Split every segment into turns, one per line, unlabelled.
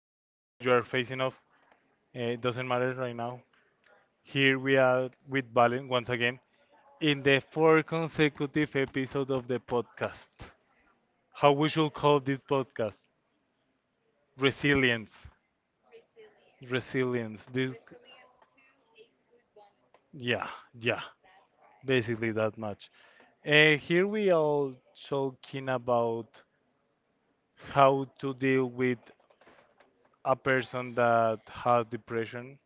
time where you are facing off, it doesn't matter right now. Here we are with Valen once again in the four consecutive episode of the podcast. How we should call this podcast? Resilience. Resilience. This, yeah, yeah, basically that much. Here we are talking about how to deal with a person that has depression,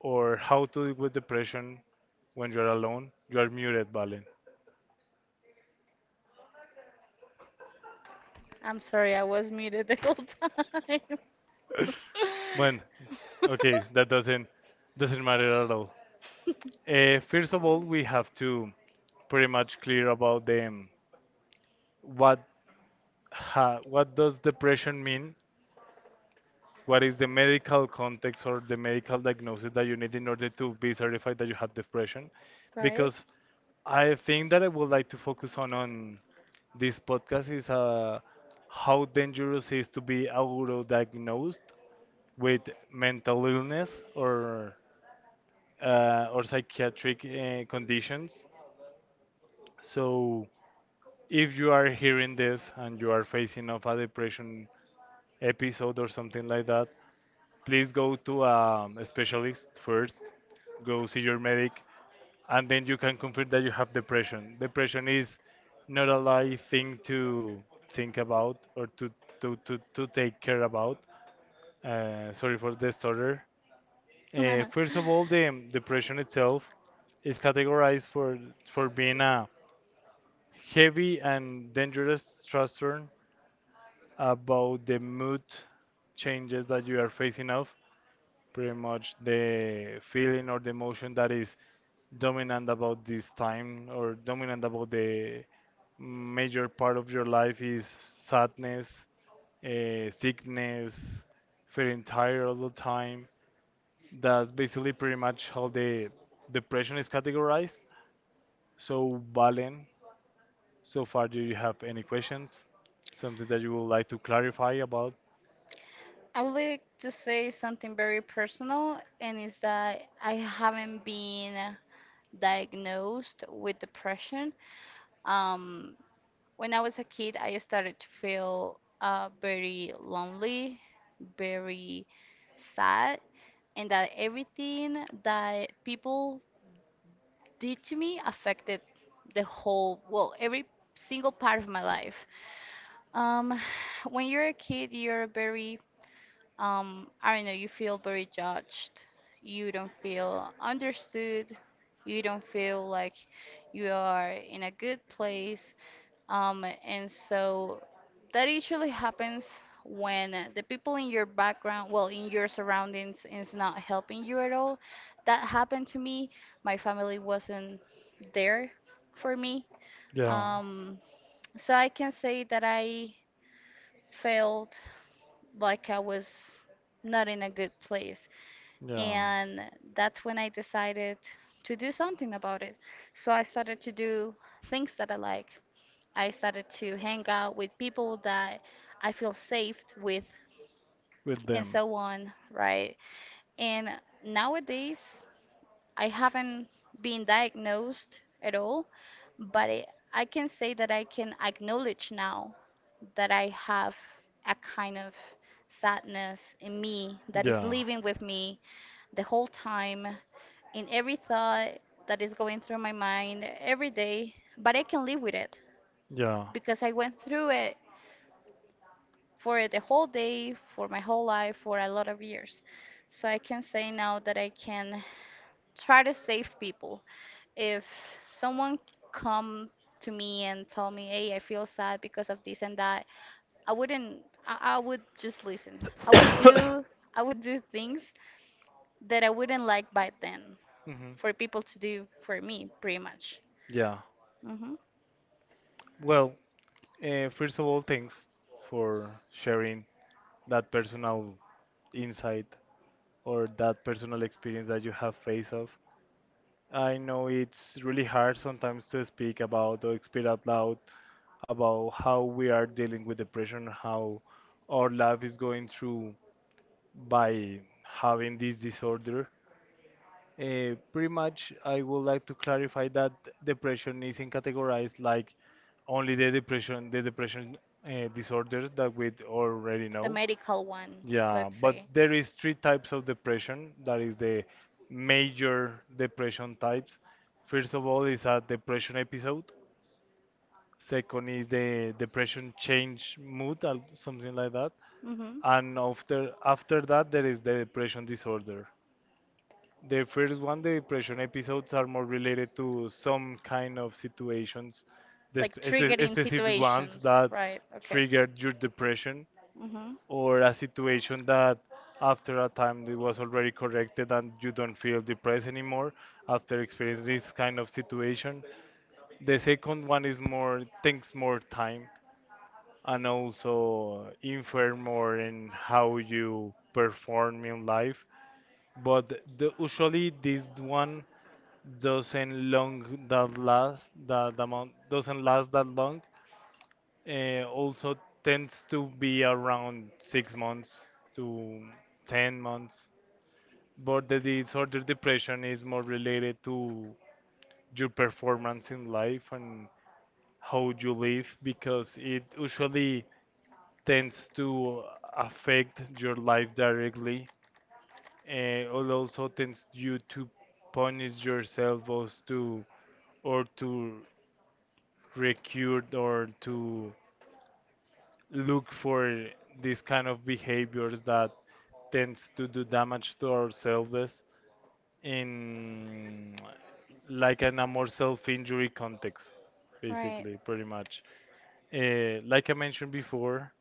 or how to deal with depression when you're alone. You are muted, Valen.
I'm sorry, I was muted the whole time.
When, okay, that doesn't matter at all. First of all, we have to pretty much clear about them. What what does depression mean? What is the medical context or the medical diagnosis that you need in order to be certified that you have depression?
Right?
Because I think that I would like to focus on this podcast is how dangerous it is to be auto-diagnosed with mental illness or or psychiatric conditions. So, if you are hearing this and you are facing of a depression episode or something like that, please go to a specialist first. Go see your medic, and then you can confirm that you have depression. Depression is not a light thing to think about or to take care about. Sorry for the disorder. First of all, the depression itself is categorized for being a heavy and dangerous thruster about the mood changes that you are facing off. Pretty much, the feeling or the emotion that is dominant about this time, or dominant about the major part of your life, is sadness, sickness, feeling tired all the time. That's basically pretty much how the depression is categorized. So, Valen, so far, do you have any questions? Something that you would like to clarify about?
I would like to say something very personal, and is that I haven't been diagnosed with depression. Um, When I was a kid, I started to feel very lonely, very sad, and that everything that people did to me affected the whole, well, every single part of my life. Um, when you're a kid, you're I don't know, you feel very judged. You don't feel understood. You don't feel like you are in a good place. And so that usually happens when the people in your background, well, in your surroundings, is not helping you at all. That happened to me. My family wasn't there for me.
Yeah,
Um, so I can say that I felt like I was not in a good place.
yeah,
And that's when I decided to do something about it. So I started to do things that I like. I started to hang out with people that I feel safe with
with
and
them.
so on, right? And nowadays, I haven't been diagnosed at all, but I can say that I can acknowledge now that I have a kind of sadness in me that is
Yeah,
living with me the whole time, in every thought that is going through my mind every day, but I can live with it
yeah.
because I went through it for the whole day, for my whole life, for a lot of years. So I can say now that I can try to save people. If someone come to me and tell me, "Hey, I feel sad because of this and that," I wouldn't. I would just listen. I would do. I would do things that I wouldn't like by then
hmm.
for people to do for me, pretty much.
Yeah.
Hmm.
Well, first of all, thanks for sharing that personal insight or that personal experience that you have faced off. I know it's really hard sometimes to speak about or speak out loud about how we are dealing with depression, how our life is going through by having this disorder. Pretty much, I would like to clarify that depression isn't categorized like only the depression, the depression disorder that we already
The
know.
medical one,
Yeah,
let's
but
say.
there is three types of depression. That is the major depression types. First of all, is a depression episode. Second is the depression change mood, something like that.
Hmm.
And after that, there is the depression disorder. The first one, the depression episodes are more related to some kind of situations, the
Like
specific ones
situations,
that
right? Okay.
triggered your depression,
Hmm.
or a situation that after a time it was already corrected and you don't feel depressed anymore after experiencing this kind of situation. The second one is more takes more time and also infer more in how you perform in life. But usually this one doesn't long that last that the amount doesn't last that long. Also tends to be around 6 months to 10 months. But the disorder depression is more related to your performance in life and how you live, because it usually tends to affect your life directly, and also tends you to punish yourself, or to recur, or to look for these kind of behaviors that tends to do damage to ourselves, in like in a more self-injury context
Right.
basically pretty much, like I mentioned before.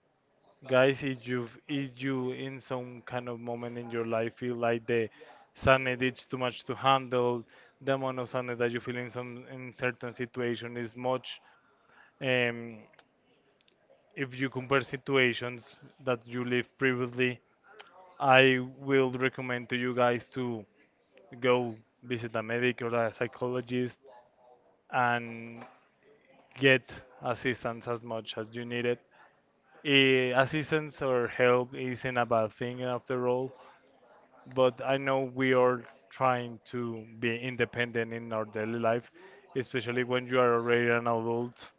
Guys, if you in some kind of moment in your life feel like the sadness is too much to handle, the amount of sadness that you feel in certain situation is much. Um, if you compare situations that you lived previously, I will recommend to you guys to go visit a medic or a psychologist, and get assistance as much as you need it. Assistance or help isn't a bad thing after all, but I know we are trying to be independent in our daily life, especially when you are already an adult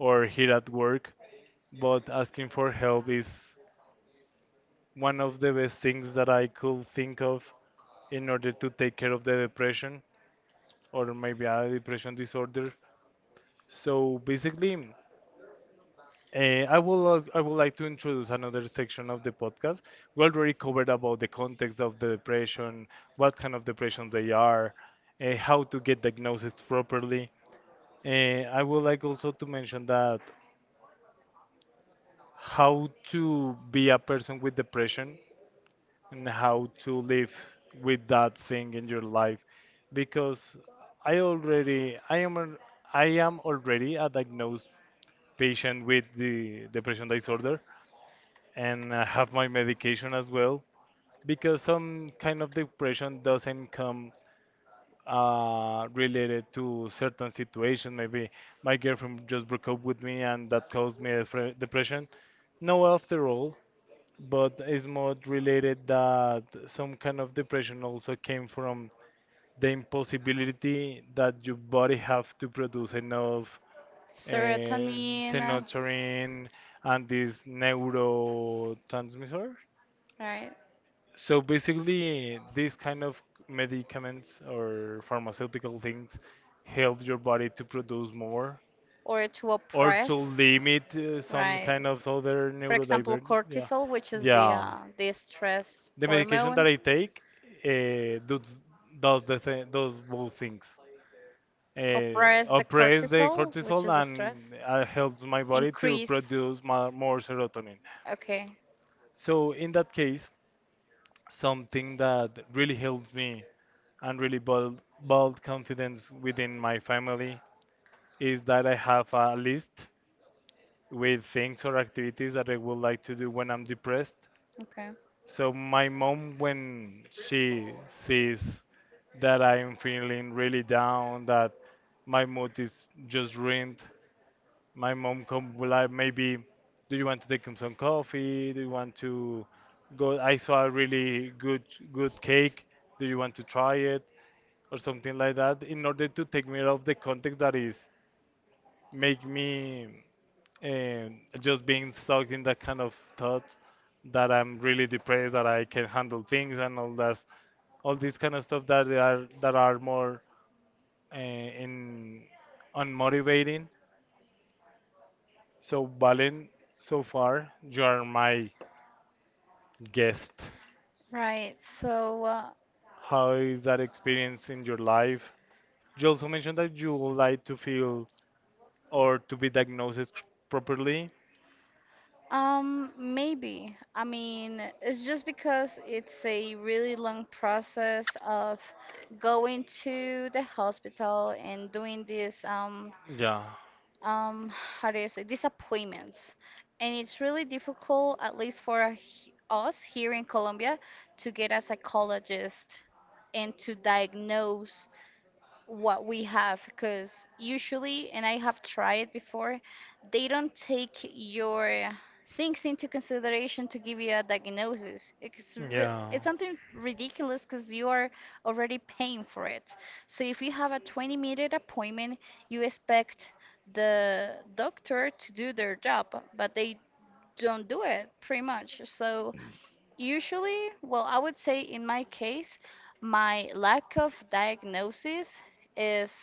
or here at work. But asking for help is one of the best things that I could think of in order to take care of the depression, or maybe a depression disorder. So basically, I would like to introduce another section of the podcast. We already covered about the context of the depression, what kind of depression they are, how to get diagnosed properly. Uh, I would like also to mention that how to be a person with depression, and how to live with that thing in your life. Because I already I am al- I am already a diagnosed patient with the depression disorder, and I have my medication as well, because some kind of depression doesn't come related to certain situation. Maybe my girlfriend just broke up with me, and that caused me a depression. No, after all, but it's more related that some kind of depression also came from the impossibility that your body have to produce enough uh,
Serotonin,
serotonin, and this neurotransmitter.
right?
So basically, these kind of medicaments or pharmaceutical things help your body to produce more,
Or to
or to
oppress,
limit some
right?
kind of other
For example,
neurodivergent. Yeah,
cortisol, which is
yeah.
the stress
The medication that
hormone,
I take uh, does does both things.
oppress the
Oppress the
cortisol, which
cortisol,
is the stress,
and helps my body to
increase.
produce more serotonin.
Okay.
So in that case, something that really helps me and really build confidence within my family, is that I have a list with things or activities that I would like to do when I'm depressed.
Okay.
So my mom, when she sees that I'm feeling really down, that my mood is just ruined, my mom come will I maybe, do you want to take some coffee? Do you want to go? I saw a really good cake. Do you want to try it? Or something like that, in order to take me out of the context that is make me just being stuck in that kind of thought that I'm really depressed, that I can handle things and all that, all these kind of stuff that are more uh, in unmotivating. So Valen, so far you are my guest.
Right. So
How is that experience in your life? You also mentioned that you would like to feel or to be diagnosed properly.
Maybe. I mean, it's just because it's a really long process of going to the hospital and doing this um
Yeah,
um how do you say, these appointments. And it's really difficult, at least for us here in Colombia, to get a psychologist and to diagnose what we have, because usually, and I have tried before, they don't take your things into consideration to give you a diagnosis. It's
yeah.
it's something ridiculous, because you are already paying for it. So if you have a 20-minute appointment, you expect the doctor to do their job, but they don't do it, pretty much. So usually, well, I would say in my case, my lack of diagnosis is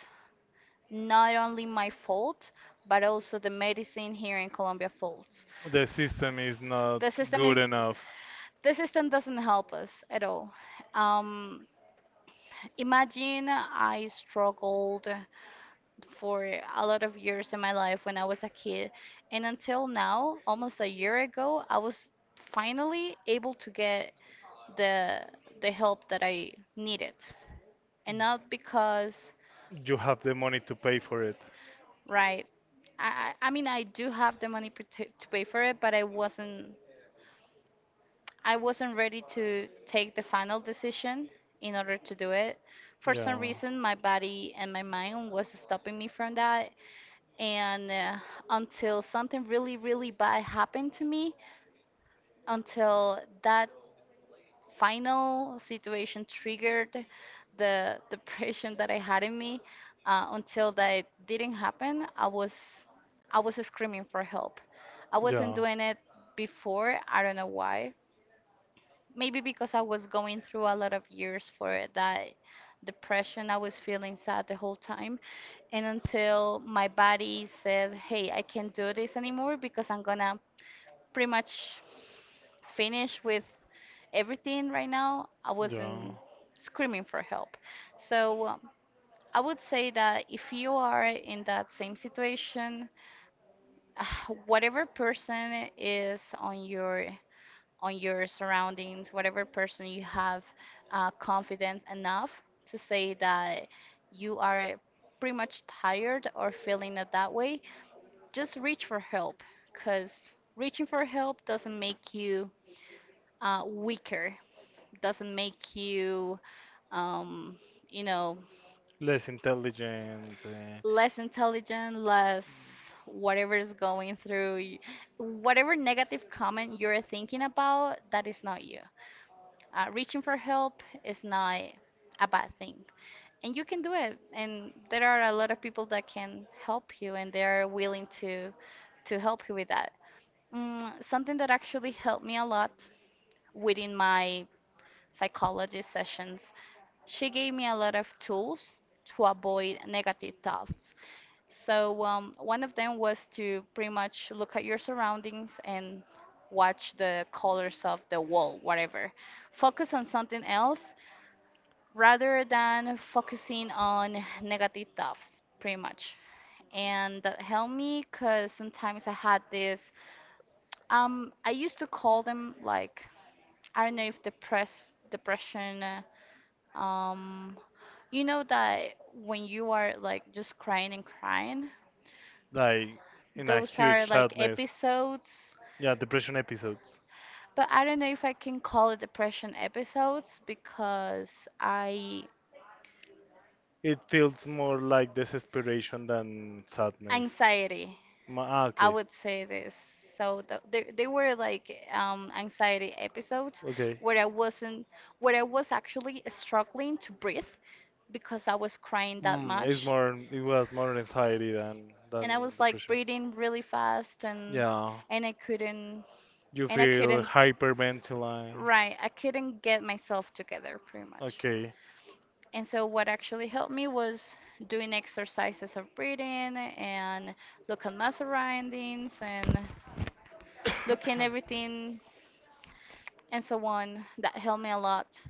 not only my fault, but also the medicine here in Colombia faults.
The system is not
The system
good
is
enough.
the system doesn't help us at all. Um, Imagine, I struggled for a lot of years in my life when I was a kid, and until now, almost a year ago, I was finally able to get the the help that I needed, and not because,
You have the money to pay for it.
right. I mean, I do have the money to pay for it, but I wasn't ready to take the final decision in order to do it. For some
Yeah,
reason, my body and my mind was stopping me from that, and until something really really bad happened to me, until that final situation triggered the depression that I had in me. Until that didn't happen, I was screaming for help. I wasn't
yeah,
doing it before. I don't know why. Maybe because I was going through a lot of years for that depression. I was feeling sad the whole time. And until my body said, hey, I can't do this anymore because I'm gonna pretty much finished with everything right now, I
yeah.
wasn't screaming for help. So I would say that if you are in that same situation, whatever person is on your surroundings, whatever person you have confidence enough to say that you are pretty much tired or feeling it that way, just reach for help, because reaching for help doesn't make you weaker, doesn't make you um, you know
Less intelligent,
less intelligent, less, whatever is going through whatever negative comment you're thinking about that is not you. Reaching for help is not a bad thing, and you can do it, and there are a lot of people that can help you and they're willing to help you with that. Mm, something that actually helped me a lot within my psychology sessions: she gave me a lot of tools to avoid negative thoughts. So, one of them was to pretty much look at your surroundings and watch the colors of the wall, whatever. Focus on something else rather than focusing on negative thoughts, pretty much. And that helped me because sometimes I had this, I used to call them like, I don't know if depression, Um, you know, that when you are like just crying and crying,
like in a
those are
huge
like
sadness.
episodes,
Yeah, depression episodes.
but I don't know if I can call it depression episodes because I
It feels more like desperation than sadness.
anxiety. I
Okay.
would say this. So th they were like anxiety episodes
Okay.
where I wasn't where I was actually struggling to breathe because I was crying that much.
It's more. It was more anxiety than
And I
than
was like
depression.
breathing really fast, and
Yeah,
and I couldn't
you
I
feel
couldn't,
hyperventilating.
right, I couldn't get myself together, pretty much.
Okay.
And so what actually helped me was doing exercises of breathing, and look at my surroundings, and looking everything, and so on. That helped me a lot.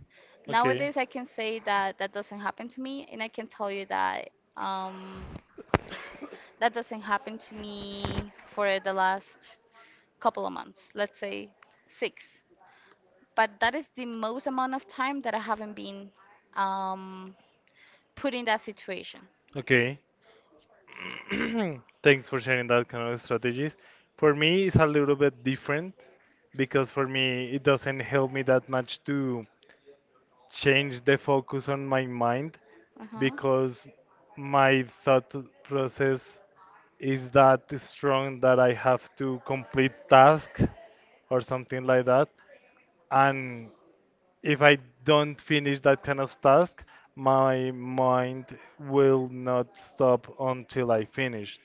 Okay.
Nowadays, I can say that that doesn't happen to me, and I can tell you that that doesn't happen to me for the last couple of months, let's say six. But that is the most amount of time that I haven't been um, put in that situation.
Okay. Thanks for sharing that kind of strategies. For me, it's a little bit different, because for me, it doesn't help me that much to change the focus on my mind,
Uh-huh.
because my thought process is that strong that I have to complete tasks or something like that. And if I don't finish that kind of task, my mind will not stop until I finish.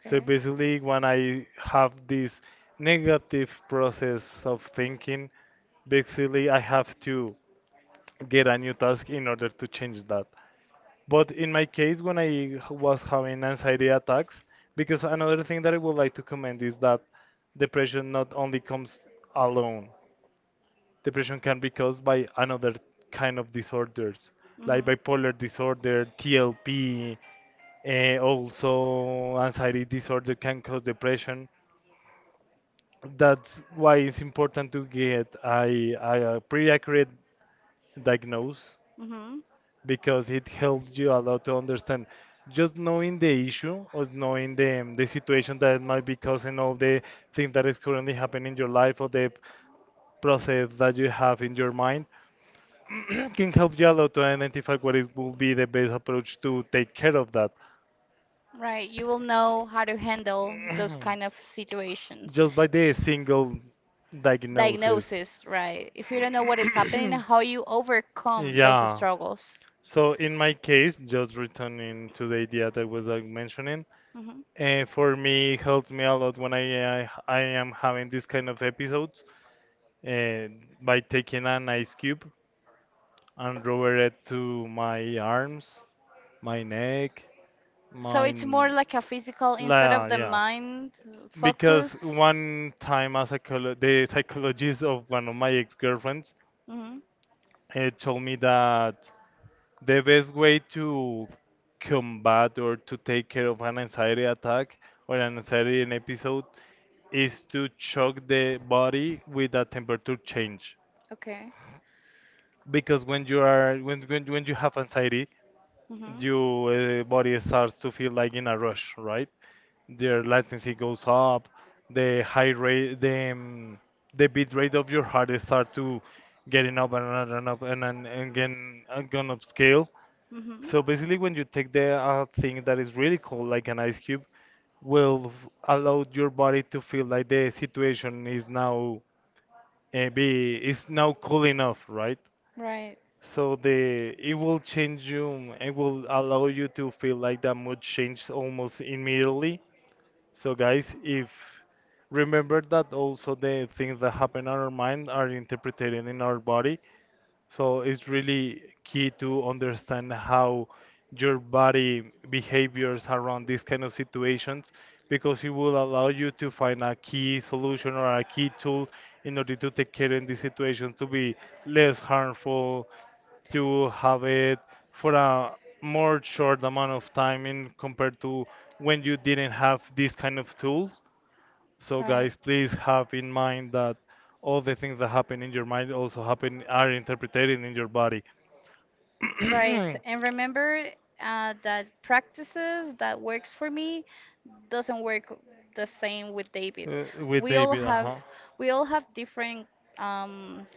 So basically, when I have this negative process of thinking, basically I have to get a new task in order to change that. But in my case, when I was having anxiety attacks, because another thing that I would like to comment is that depression not only comes alone. Depression can be caused by another kind of disorders,
Hmm.
like bipolar disorder, TLP, also anxiety disorder can cause depression. That's why it's important to get a pretty accurate diagnose,
Hmm.
because it helps you a lot to understand. Just knowing the issue, or knowing the situation that might be causing all the things that is currently happening in your life, or the process that you have in your mind, can help you a lot to identify what it will be the best approach to take care of that.
Right, you will know how to handle those kind of situations.
Just by the single diagnosis.
Diagnosis, right. If you don't know what is happening, how you overcome those
Yeah.
struggles.
So in my case, just returning to the idea that I was like mentioning,
Hmm.
for me it helps me a lot when I am having this kind of episodes, uh, by taking an ice cube and rubber it to my arms, my neck,
So
my
it's more like a physical instead of the
Yeah,
mind
because
focus.
one time a psycholo the psychologist of one of my ex-girlfriends
Hmm.
told me that the best way to combat or to take care of an anxiety attack or an anxiety in episode, is to shock the body with a temperature change.
Okay.
Because when you are when you have anxiety,
Hmm.
your body starts to feel like in a rush, right? Their latency goes up, the high rate, the bit rate of your heart is start to getting up and up and up and again and gone up scale.
Hmm.
So basically, when you take the thing that is really cold, like an ice cube, will allow your body to feel like the situation is now be is now cool enough, right?
Right.
So the it will change you. It will allow you to feel like that mood change almost immediately. So guys, if remember that also the things that happen in our mind are interpreted in our body. So it's really key to understand how your body behaviors around these kind of situations because it will allow you to find a key solution or a key tool in order to take care in these situations to be less harmful, to have it for a more short amount of time in compared to when you didn't have these kind of tools. So
Right,
guys, please have in mind that all the things that happen in your mind also happen are interpreted in your body.
right. And remember that practices that works for me doesn't work the same with David.
With
We all
David,
have
uh-huh.
we all have different um,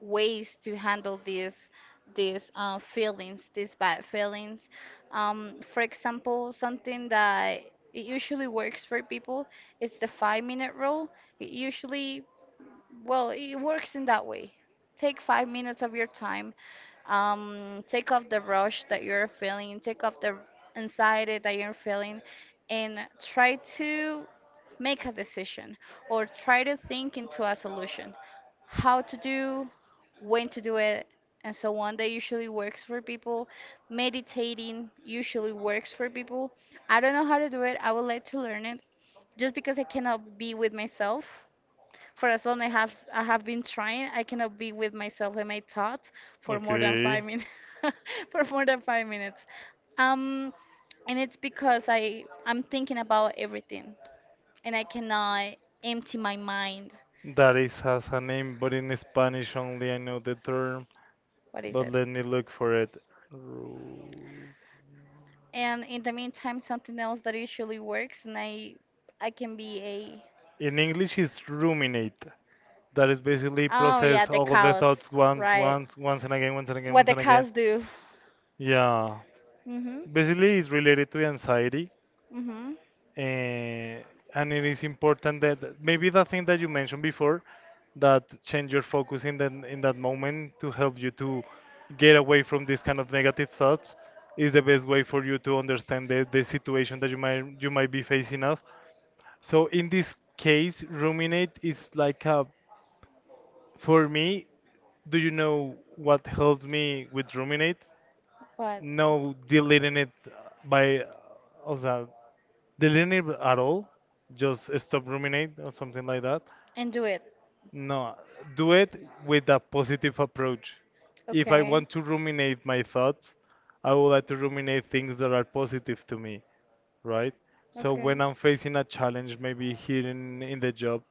ways to handle these feelings, these bad feelings. For example, something that it usually works for people is the 5 minute rule. It usually, well, it works in that way. Take 5 minutes of your time. Take off the rush that you're feeling. Take off the anxiety that you're feeling, and try to make a decision, or try to think into a solution. How to do, when to do it, and so on. That usually works for people. Meditating usually works for people. I don't know how to do it. I would like to learn it, just because I cannot be with myself. For as long I have been trying, I cannot be with myself and my thoughts for more than five
Okay.
minutes. For more than 5 minutes. Um, and It's because I'm thinking about everything, and I cannot empty my mind.
That is has a name, but in Spanish only I know the term,
What is
but
it?
let me look for it. Ru-
And in the meantime, something else that usually works, and I can be a,
In English it's ruminate. That is basically
oh yeah,
process
the
all of the
cows,
thoughts once,
right.
once, once and again, once and again,
What
once
the
and again.
cows do.
Yeah,
Mhm.
basically it's related to anxiety,
Mhm.
eh, and it is important that that- maybe the thing that you mentioned before that change your focus in that moment to help you to get away from these kind of negative thoughts is the best way for you to understand the situation that you might be facing of. So in this case, ruminate is like a, for me. Do you know what helps me with ruminate?
What?
No deleting it by, o sea, deleting it at all. Just stop ruminate or something like that.
And do it.
No, do it with a positive approach. If I
Okay.
want to ruminate my thoughts, I would like to ruminate things that are positive to me, right? So
Okay.
when I'm facing a challenge, maybe here in the job,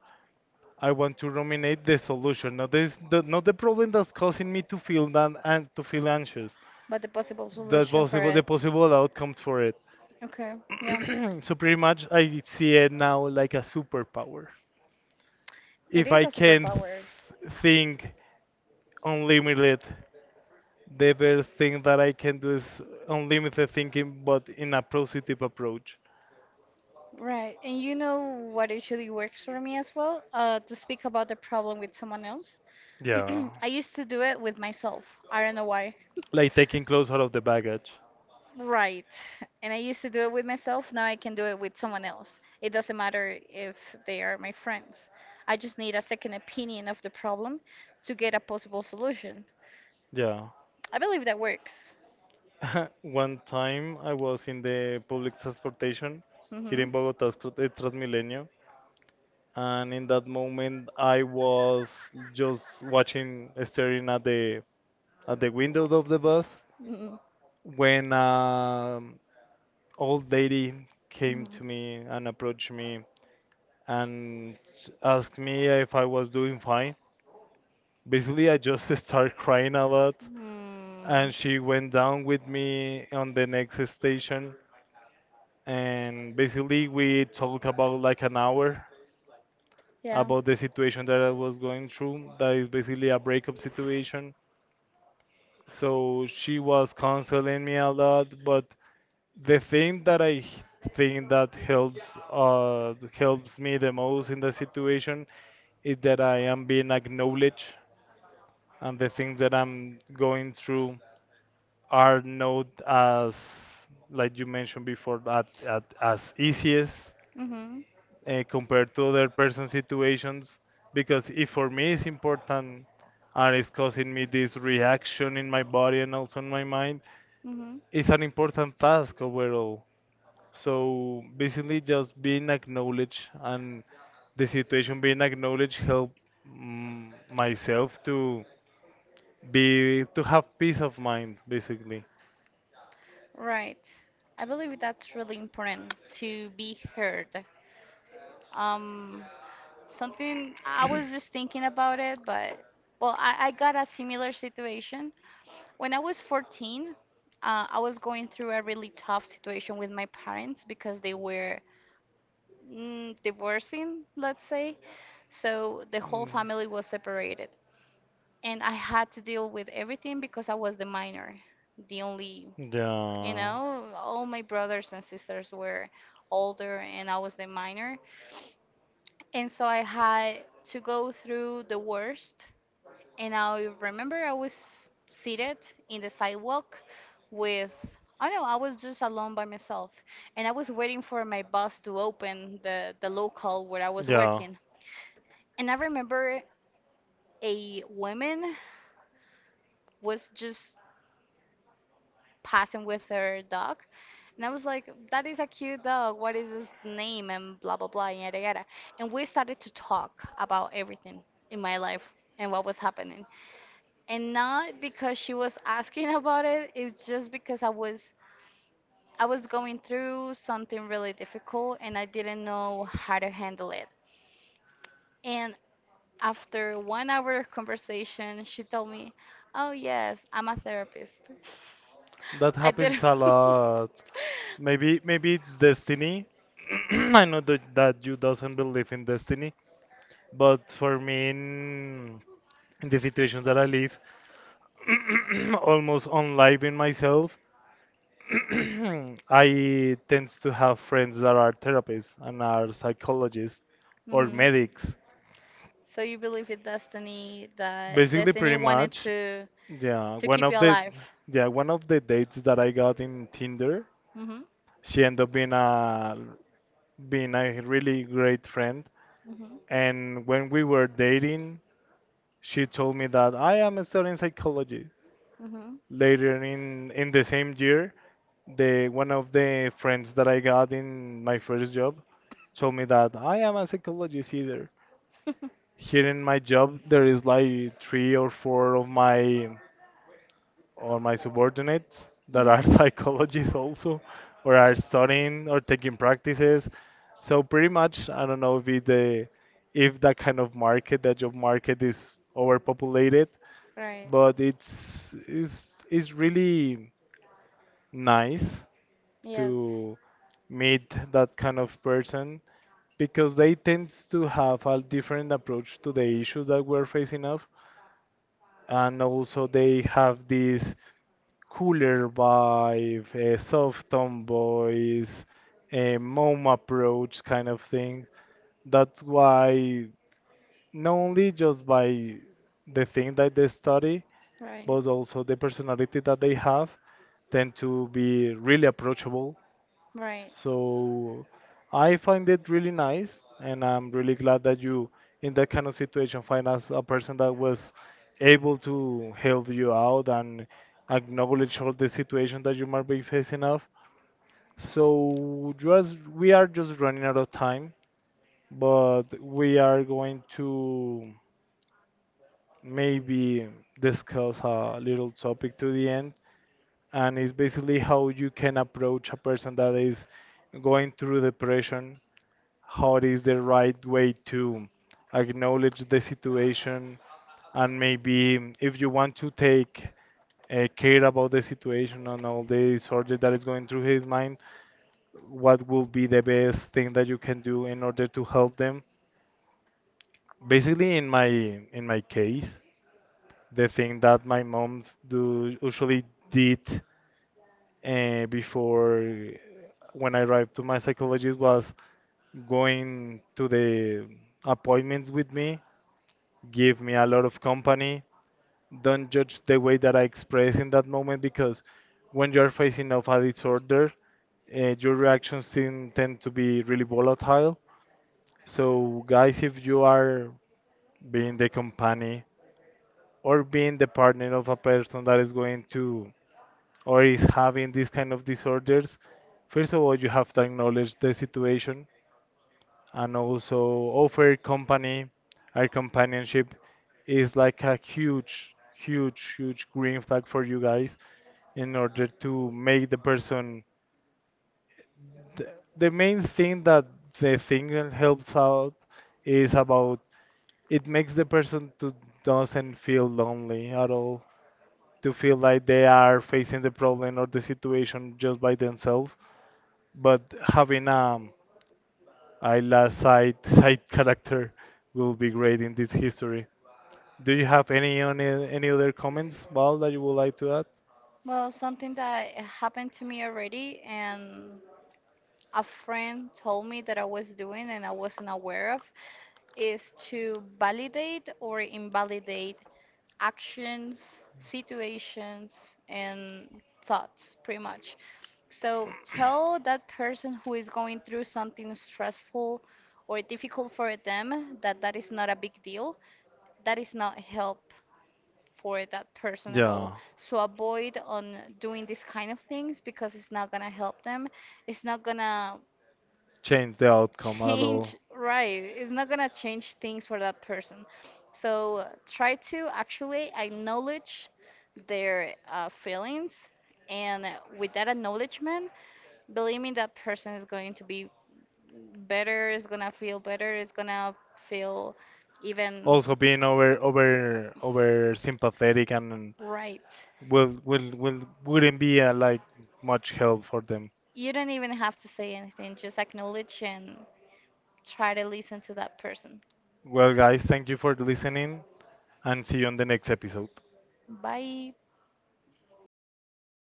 I want to ruminate the solution, not not the problem that's causing me to feel that and to feel anxious.
But the possible
the
solution for
possible The
it.
possible outcomes for it.
Okay. Yeah.
So pretty much I see it now like a superpower.
It
If
is
I
a
can
superpower.
think unlimited, the best thing that I can do is unlimited thinking, but in a positive approach.
Right. And you know what usually works for me as well? To speak about the problem with someone else.
Yeah,
I used to do it with myself. I don't know why.
like taking clothes out of the baggage.
Right. And I used to do it with myself. Now I can do it with someone else. It doesn't matter if they are my friends. I just need a second opinion of the problem to get a possible solution.
Yeah.
I believe that works.
One time I was in the public transportation here
Mhm.
in Bogota, it's Transmilenio, and in that moment I was just watching, staring at the windows of the bus
Mhm.
when an old lady came
Mhm.
to me and approached me and asked me if I was doing fine. Basically, I just started crying a lot,
Hmm.
and she went down with me on the next station. And basically, we talked about like an hour
Yeah.
about the situation that I was going through. That is basically a breakup situation. So she was counseling me a lot, but the thing that think that helps helps me the most in the situation is that I am being acknowledged, and the things that I'm going through are not as, like you mentioned before, that as easiest
Mhm.
compared to other person situations because if for me it's important and it's causing me this reaction in my body and also in my mind,
Mhm.
it's an important task overall. So basically just being acknowledged and the situation being acknowledged help myself to be to have peace of mind basically.
Right. I believe that's really important to be heard. Um, Something I was just thinking about it, but well, I got a similar situation. When I was 14, I was going through a really tough situation with my parents because they were, mm, divorcing, let's say. So the whole
Mm.
family was separated. And I had to deal with everything because I was the minor, the only, you
Yeah.
know, all my brothers and sisters were older and I was the minor. And so I had to go through the worst. And I remember I was seated in the sidewalk with, I don't know, I was just alone by myself. And I was waiting for my bus to open the local where I was
Yeah.
working. And I remember a woman was just passing with her dog. And I was like, that is a cute dog. What is his name? And blah, blah, blah, yada, yada. And we started to talk about everything in my life and what was happening, and not because she was asking about it. It was just because I was going through something really difficult and I didn't know how to handle it. And after 1 hour of conversation she told me, oh yes, I'm a therapist.
That
I
happens
didn't.
a lot. Maybe it's destiny. I know that you doesn't believe in destiny, but for me in the situations that I live, almost unliving myself, I tend to have friends that are therapists and are psychologists or
Mhm.
medics.
So you believe in destiny, that
Basically,
destiny
pretty
wanted
much.
to
Yeah, one
keep you
of the
alive.
yeah one of the dates that I got in Tinder,
Hmm.
she ended up being a being a really great friend.
Hmm.
And when we were dating, she told me that I am studying psychology.
Hmm.
Later in the same year, the one of the friends that I got in my first job told me that I am a psychologist either. Here in my job, there is like three or four of my or my subordinates that are
Mm-hmm.
psychologists also, or are studying or taking practices. So pretty much, I don't know if it, the if that kind of market, that job market, is overpopulated,
Right.
but it's really nice
Yes.
to meet that kind of person because they tend to have a different approach to the issues that we're facing of, and also they have this cooler vibe, soft tone voice, a mom approach kind of thing. That's why not only just by the thing that they study,
Right.
but also the personality that they have tend to be really approachable.
Right.
So I find it really nice, and I'm really glad that you, in that kind of situation, find us a person that was able to help you out and acknowledge all the situation that you might be facing of. So just we are just running out of time, but we are going to maybe discuss a little topic to the end, and it's basically how you can approach a person that is going through depression, how it is the right way to acknowledge the situation, and maybe if you want to take care about the situation and all the disorder that is going through his mind, what will be the best thing that you can do in order to help them? Basically, in my case, the thing that my moms do usually did before when I arrived to my psychologist was going to the appointments with me, give me a lot of company. Don't judge the way that I express in that moment because when you're facing of a disorder, your reactions tend to be really volatile. So, guys, if you are being the company or being the partner of a person that is going to or is having these kind of disorders, first of all, you have to acknowledge the situation and also offer company. Our companionship is like a huge, huge, huge green flag for you guys in order to make the person, the, the main thing that the single helps out is about, it makes the person to doesn't feel lonely at all, to feel like they are facing the problem or the situation just by themselves, but having a Ayla's side side character will be great in this history. Do you have any on any other comments, Val, that you would like to add?
Well, something that happened to me already, and a friend told me that I was doing and I wasn't aware of, is to validate or invalidate actions, situations, and thoughts, pretty much. So tell that person who is going through something stressful or difficult for them that that is not a big deal. That is not help for that person at all.
Yeah,
So avoid on doing these kind of things, because it's not gonna help them. It's not gonna
change the outcome at
change,
all.
right, it's not going to change things for that person. So try to actually acknowledge their feelings, and with that acknowledgement, believe me, that person is going to be better, is gonna feel better, is gonna feel even,
Also being over sympathetic and
right.
will wouldn't be like much help for them.
You don't even have to say anything, just acknowledge and try to listen to that person.
Well, guys, thank you for listening and see you on the next episode.
Bye.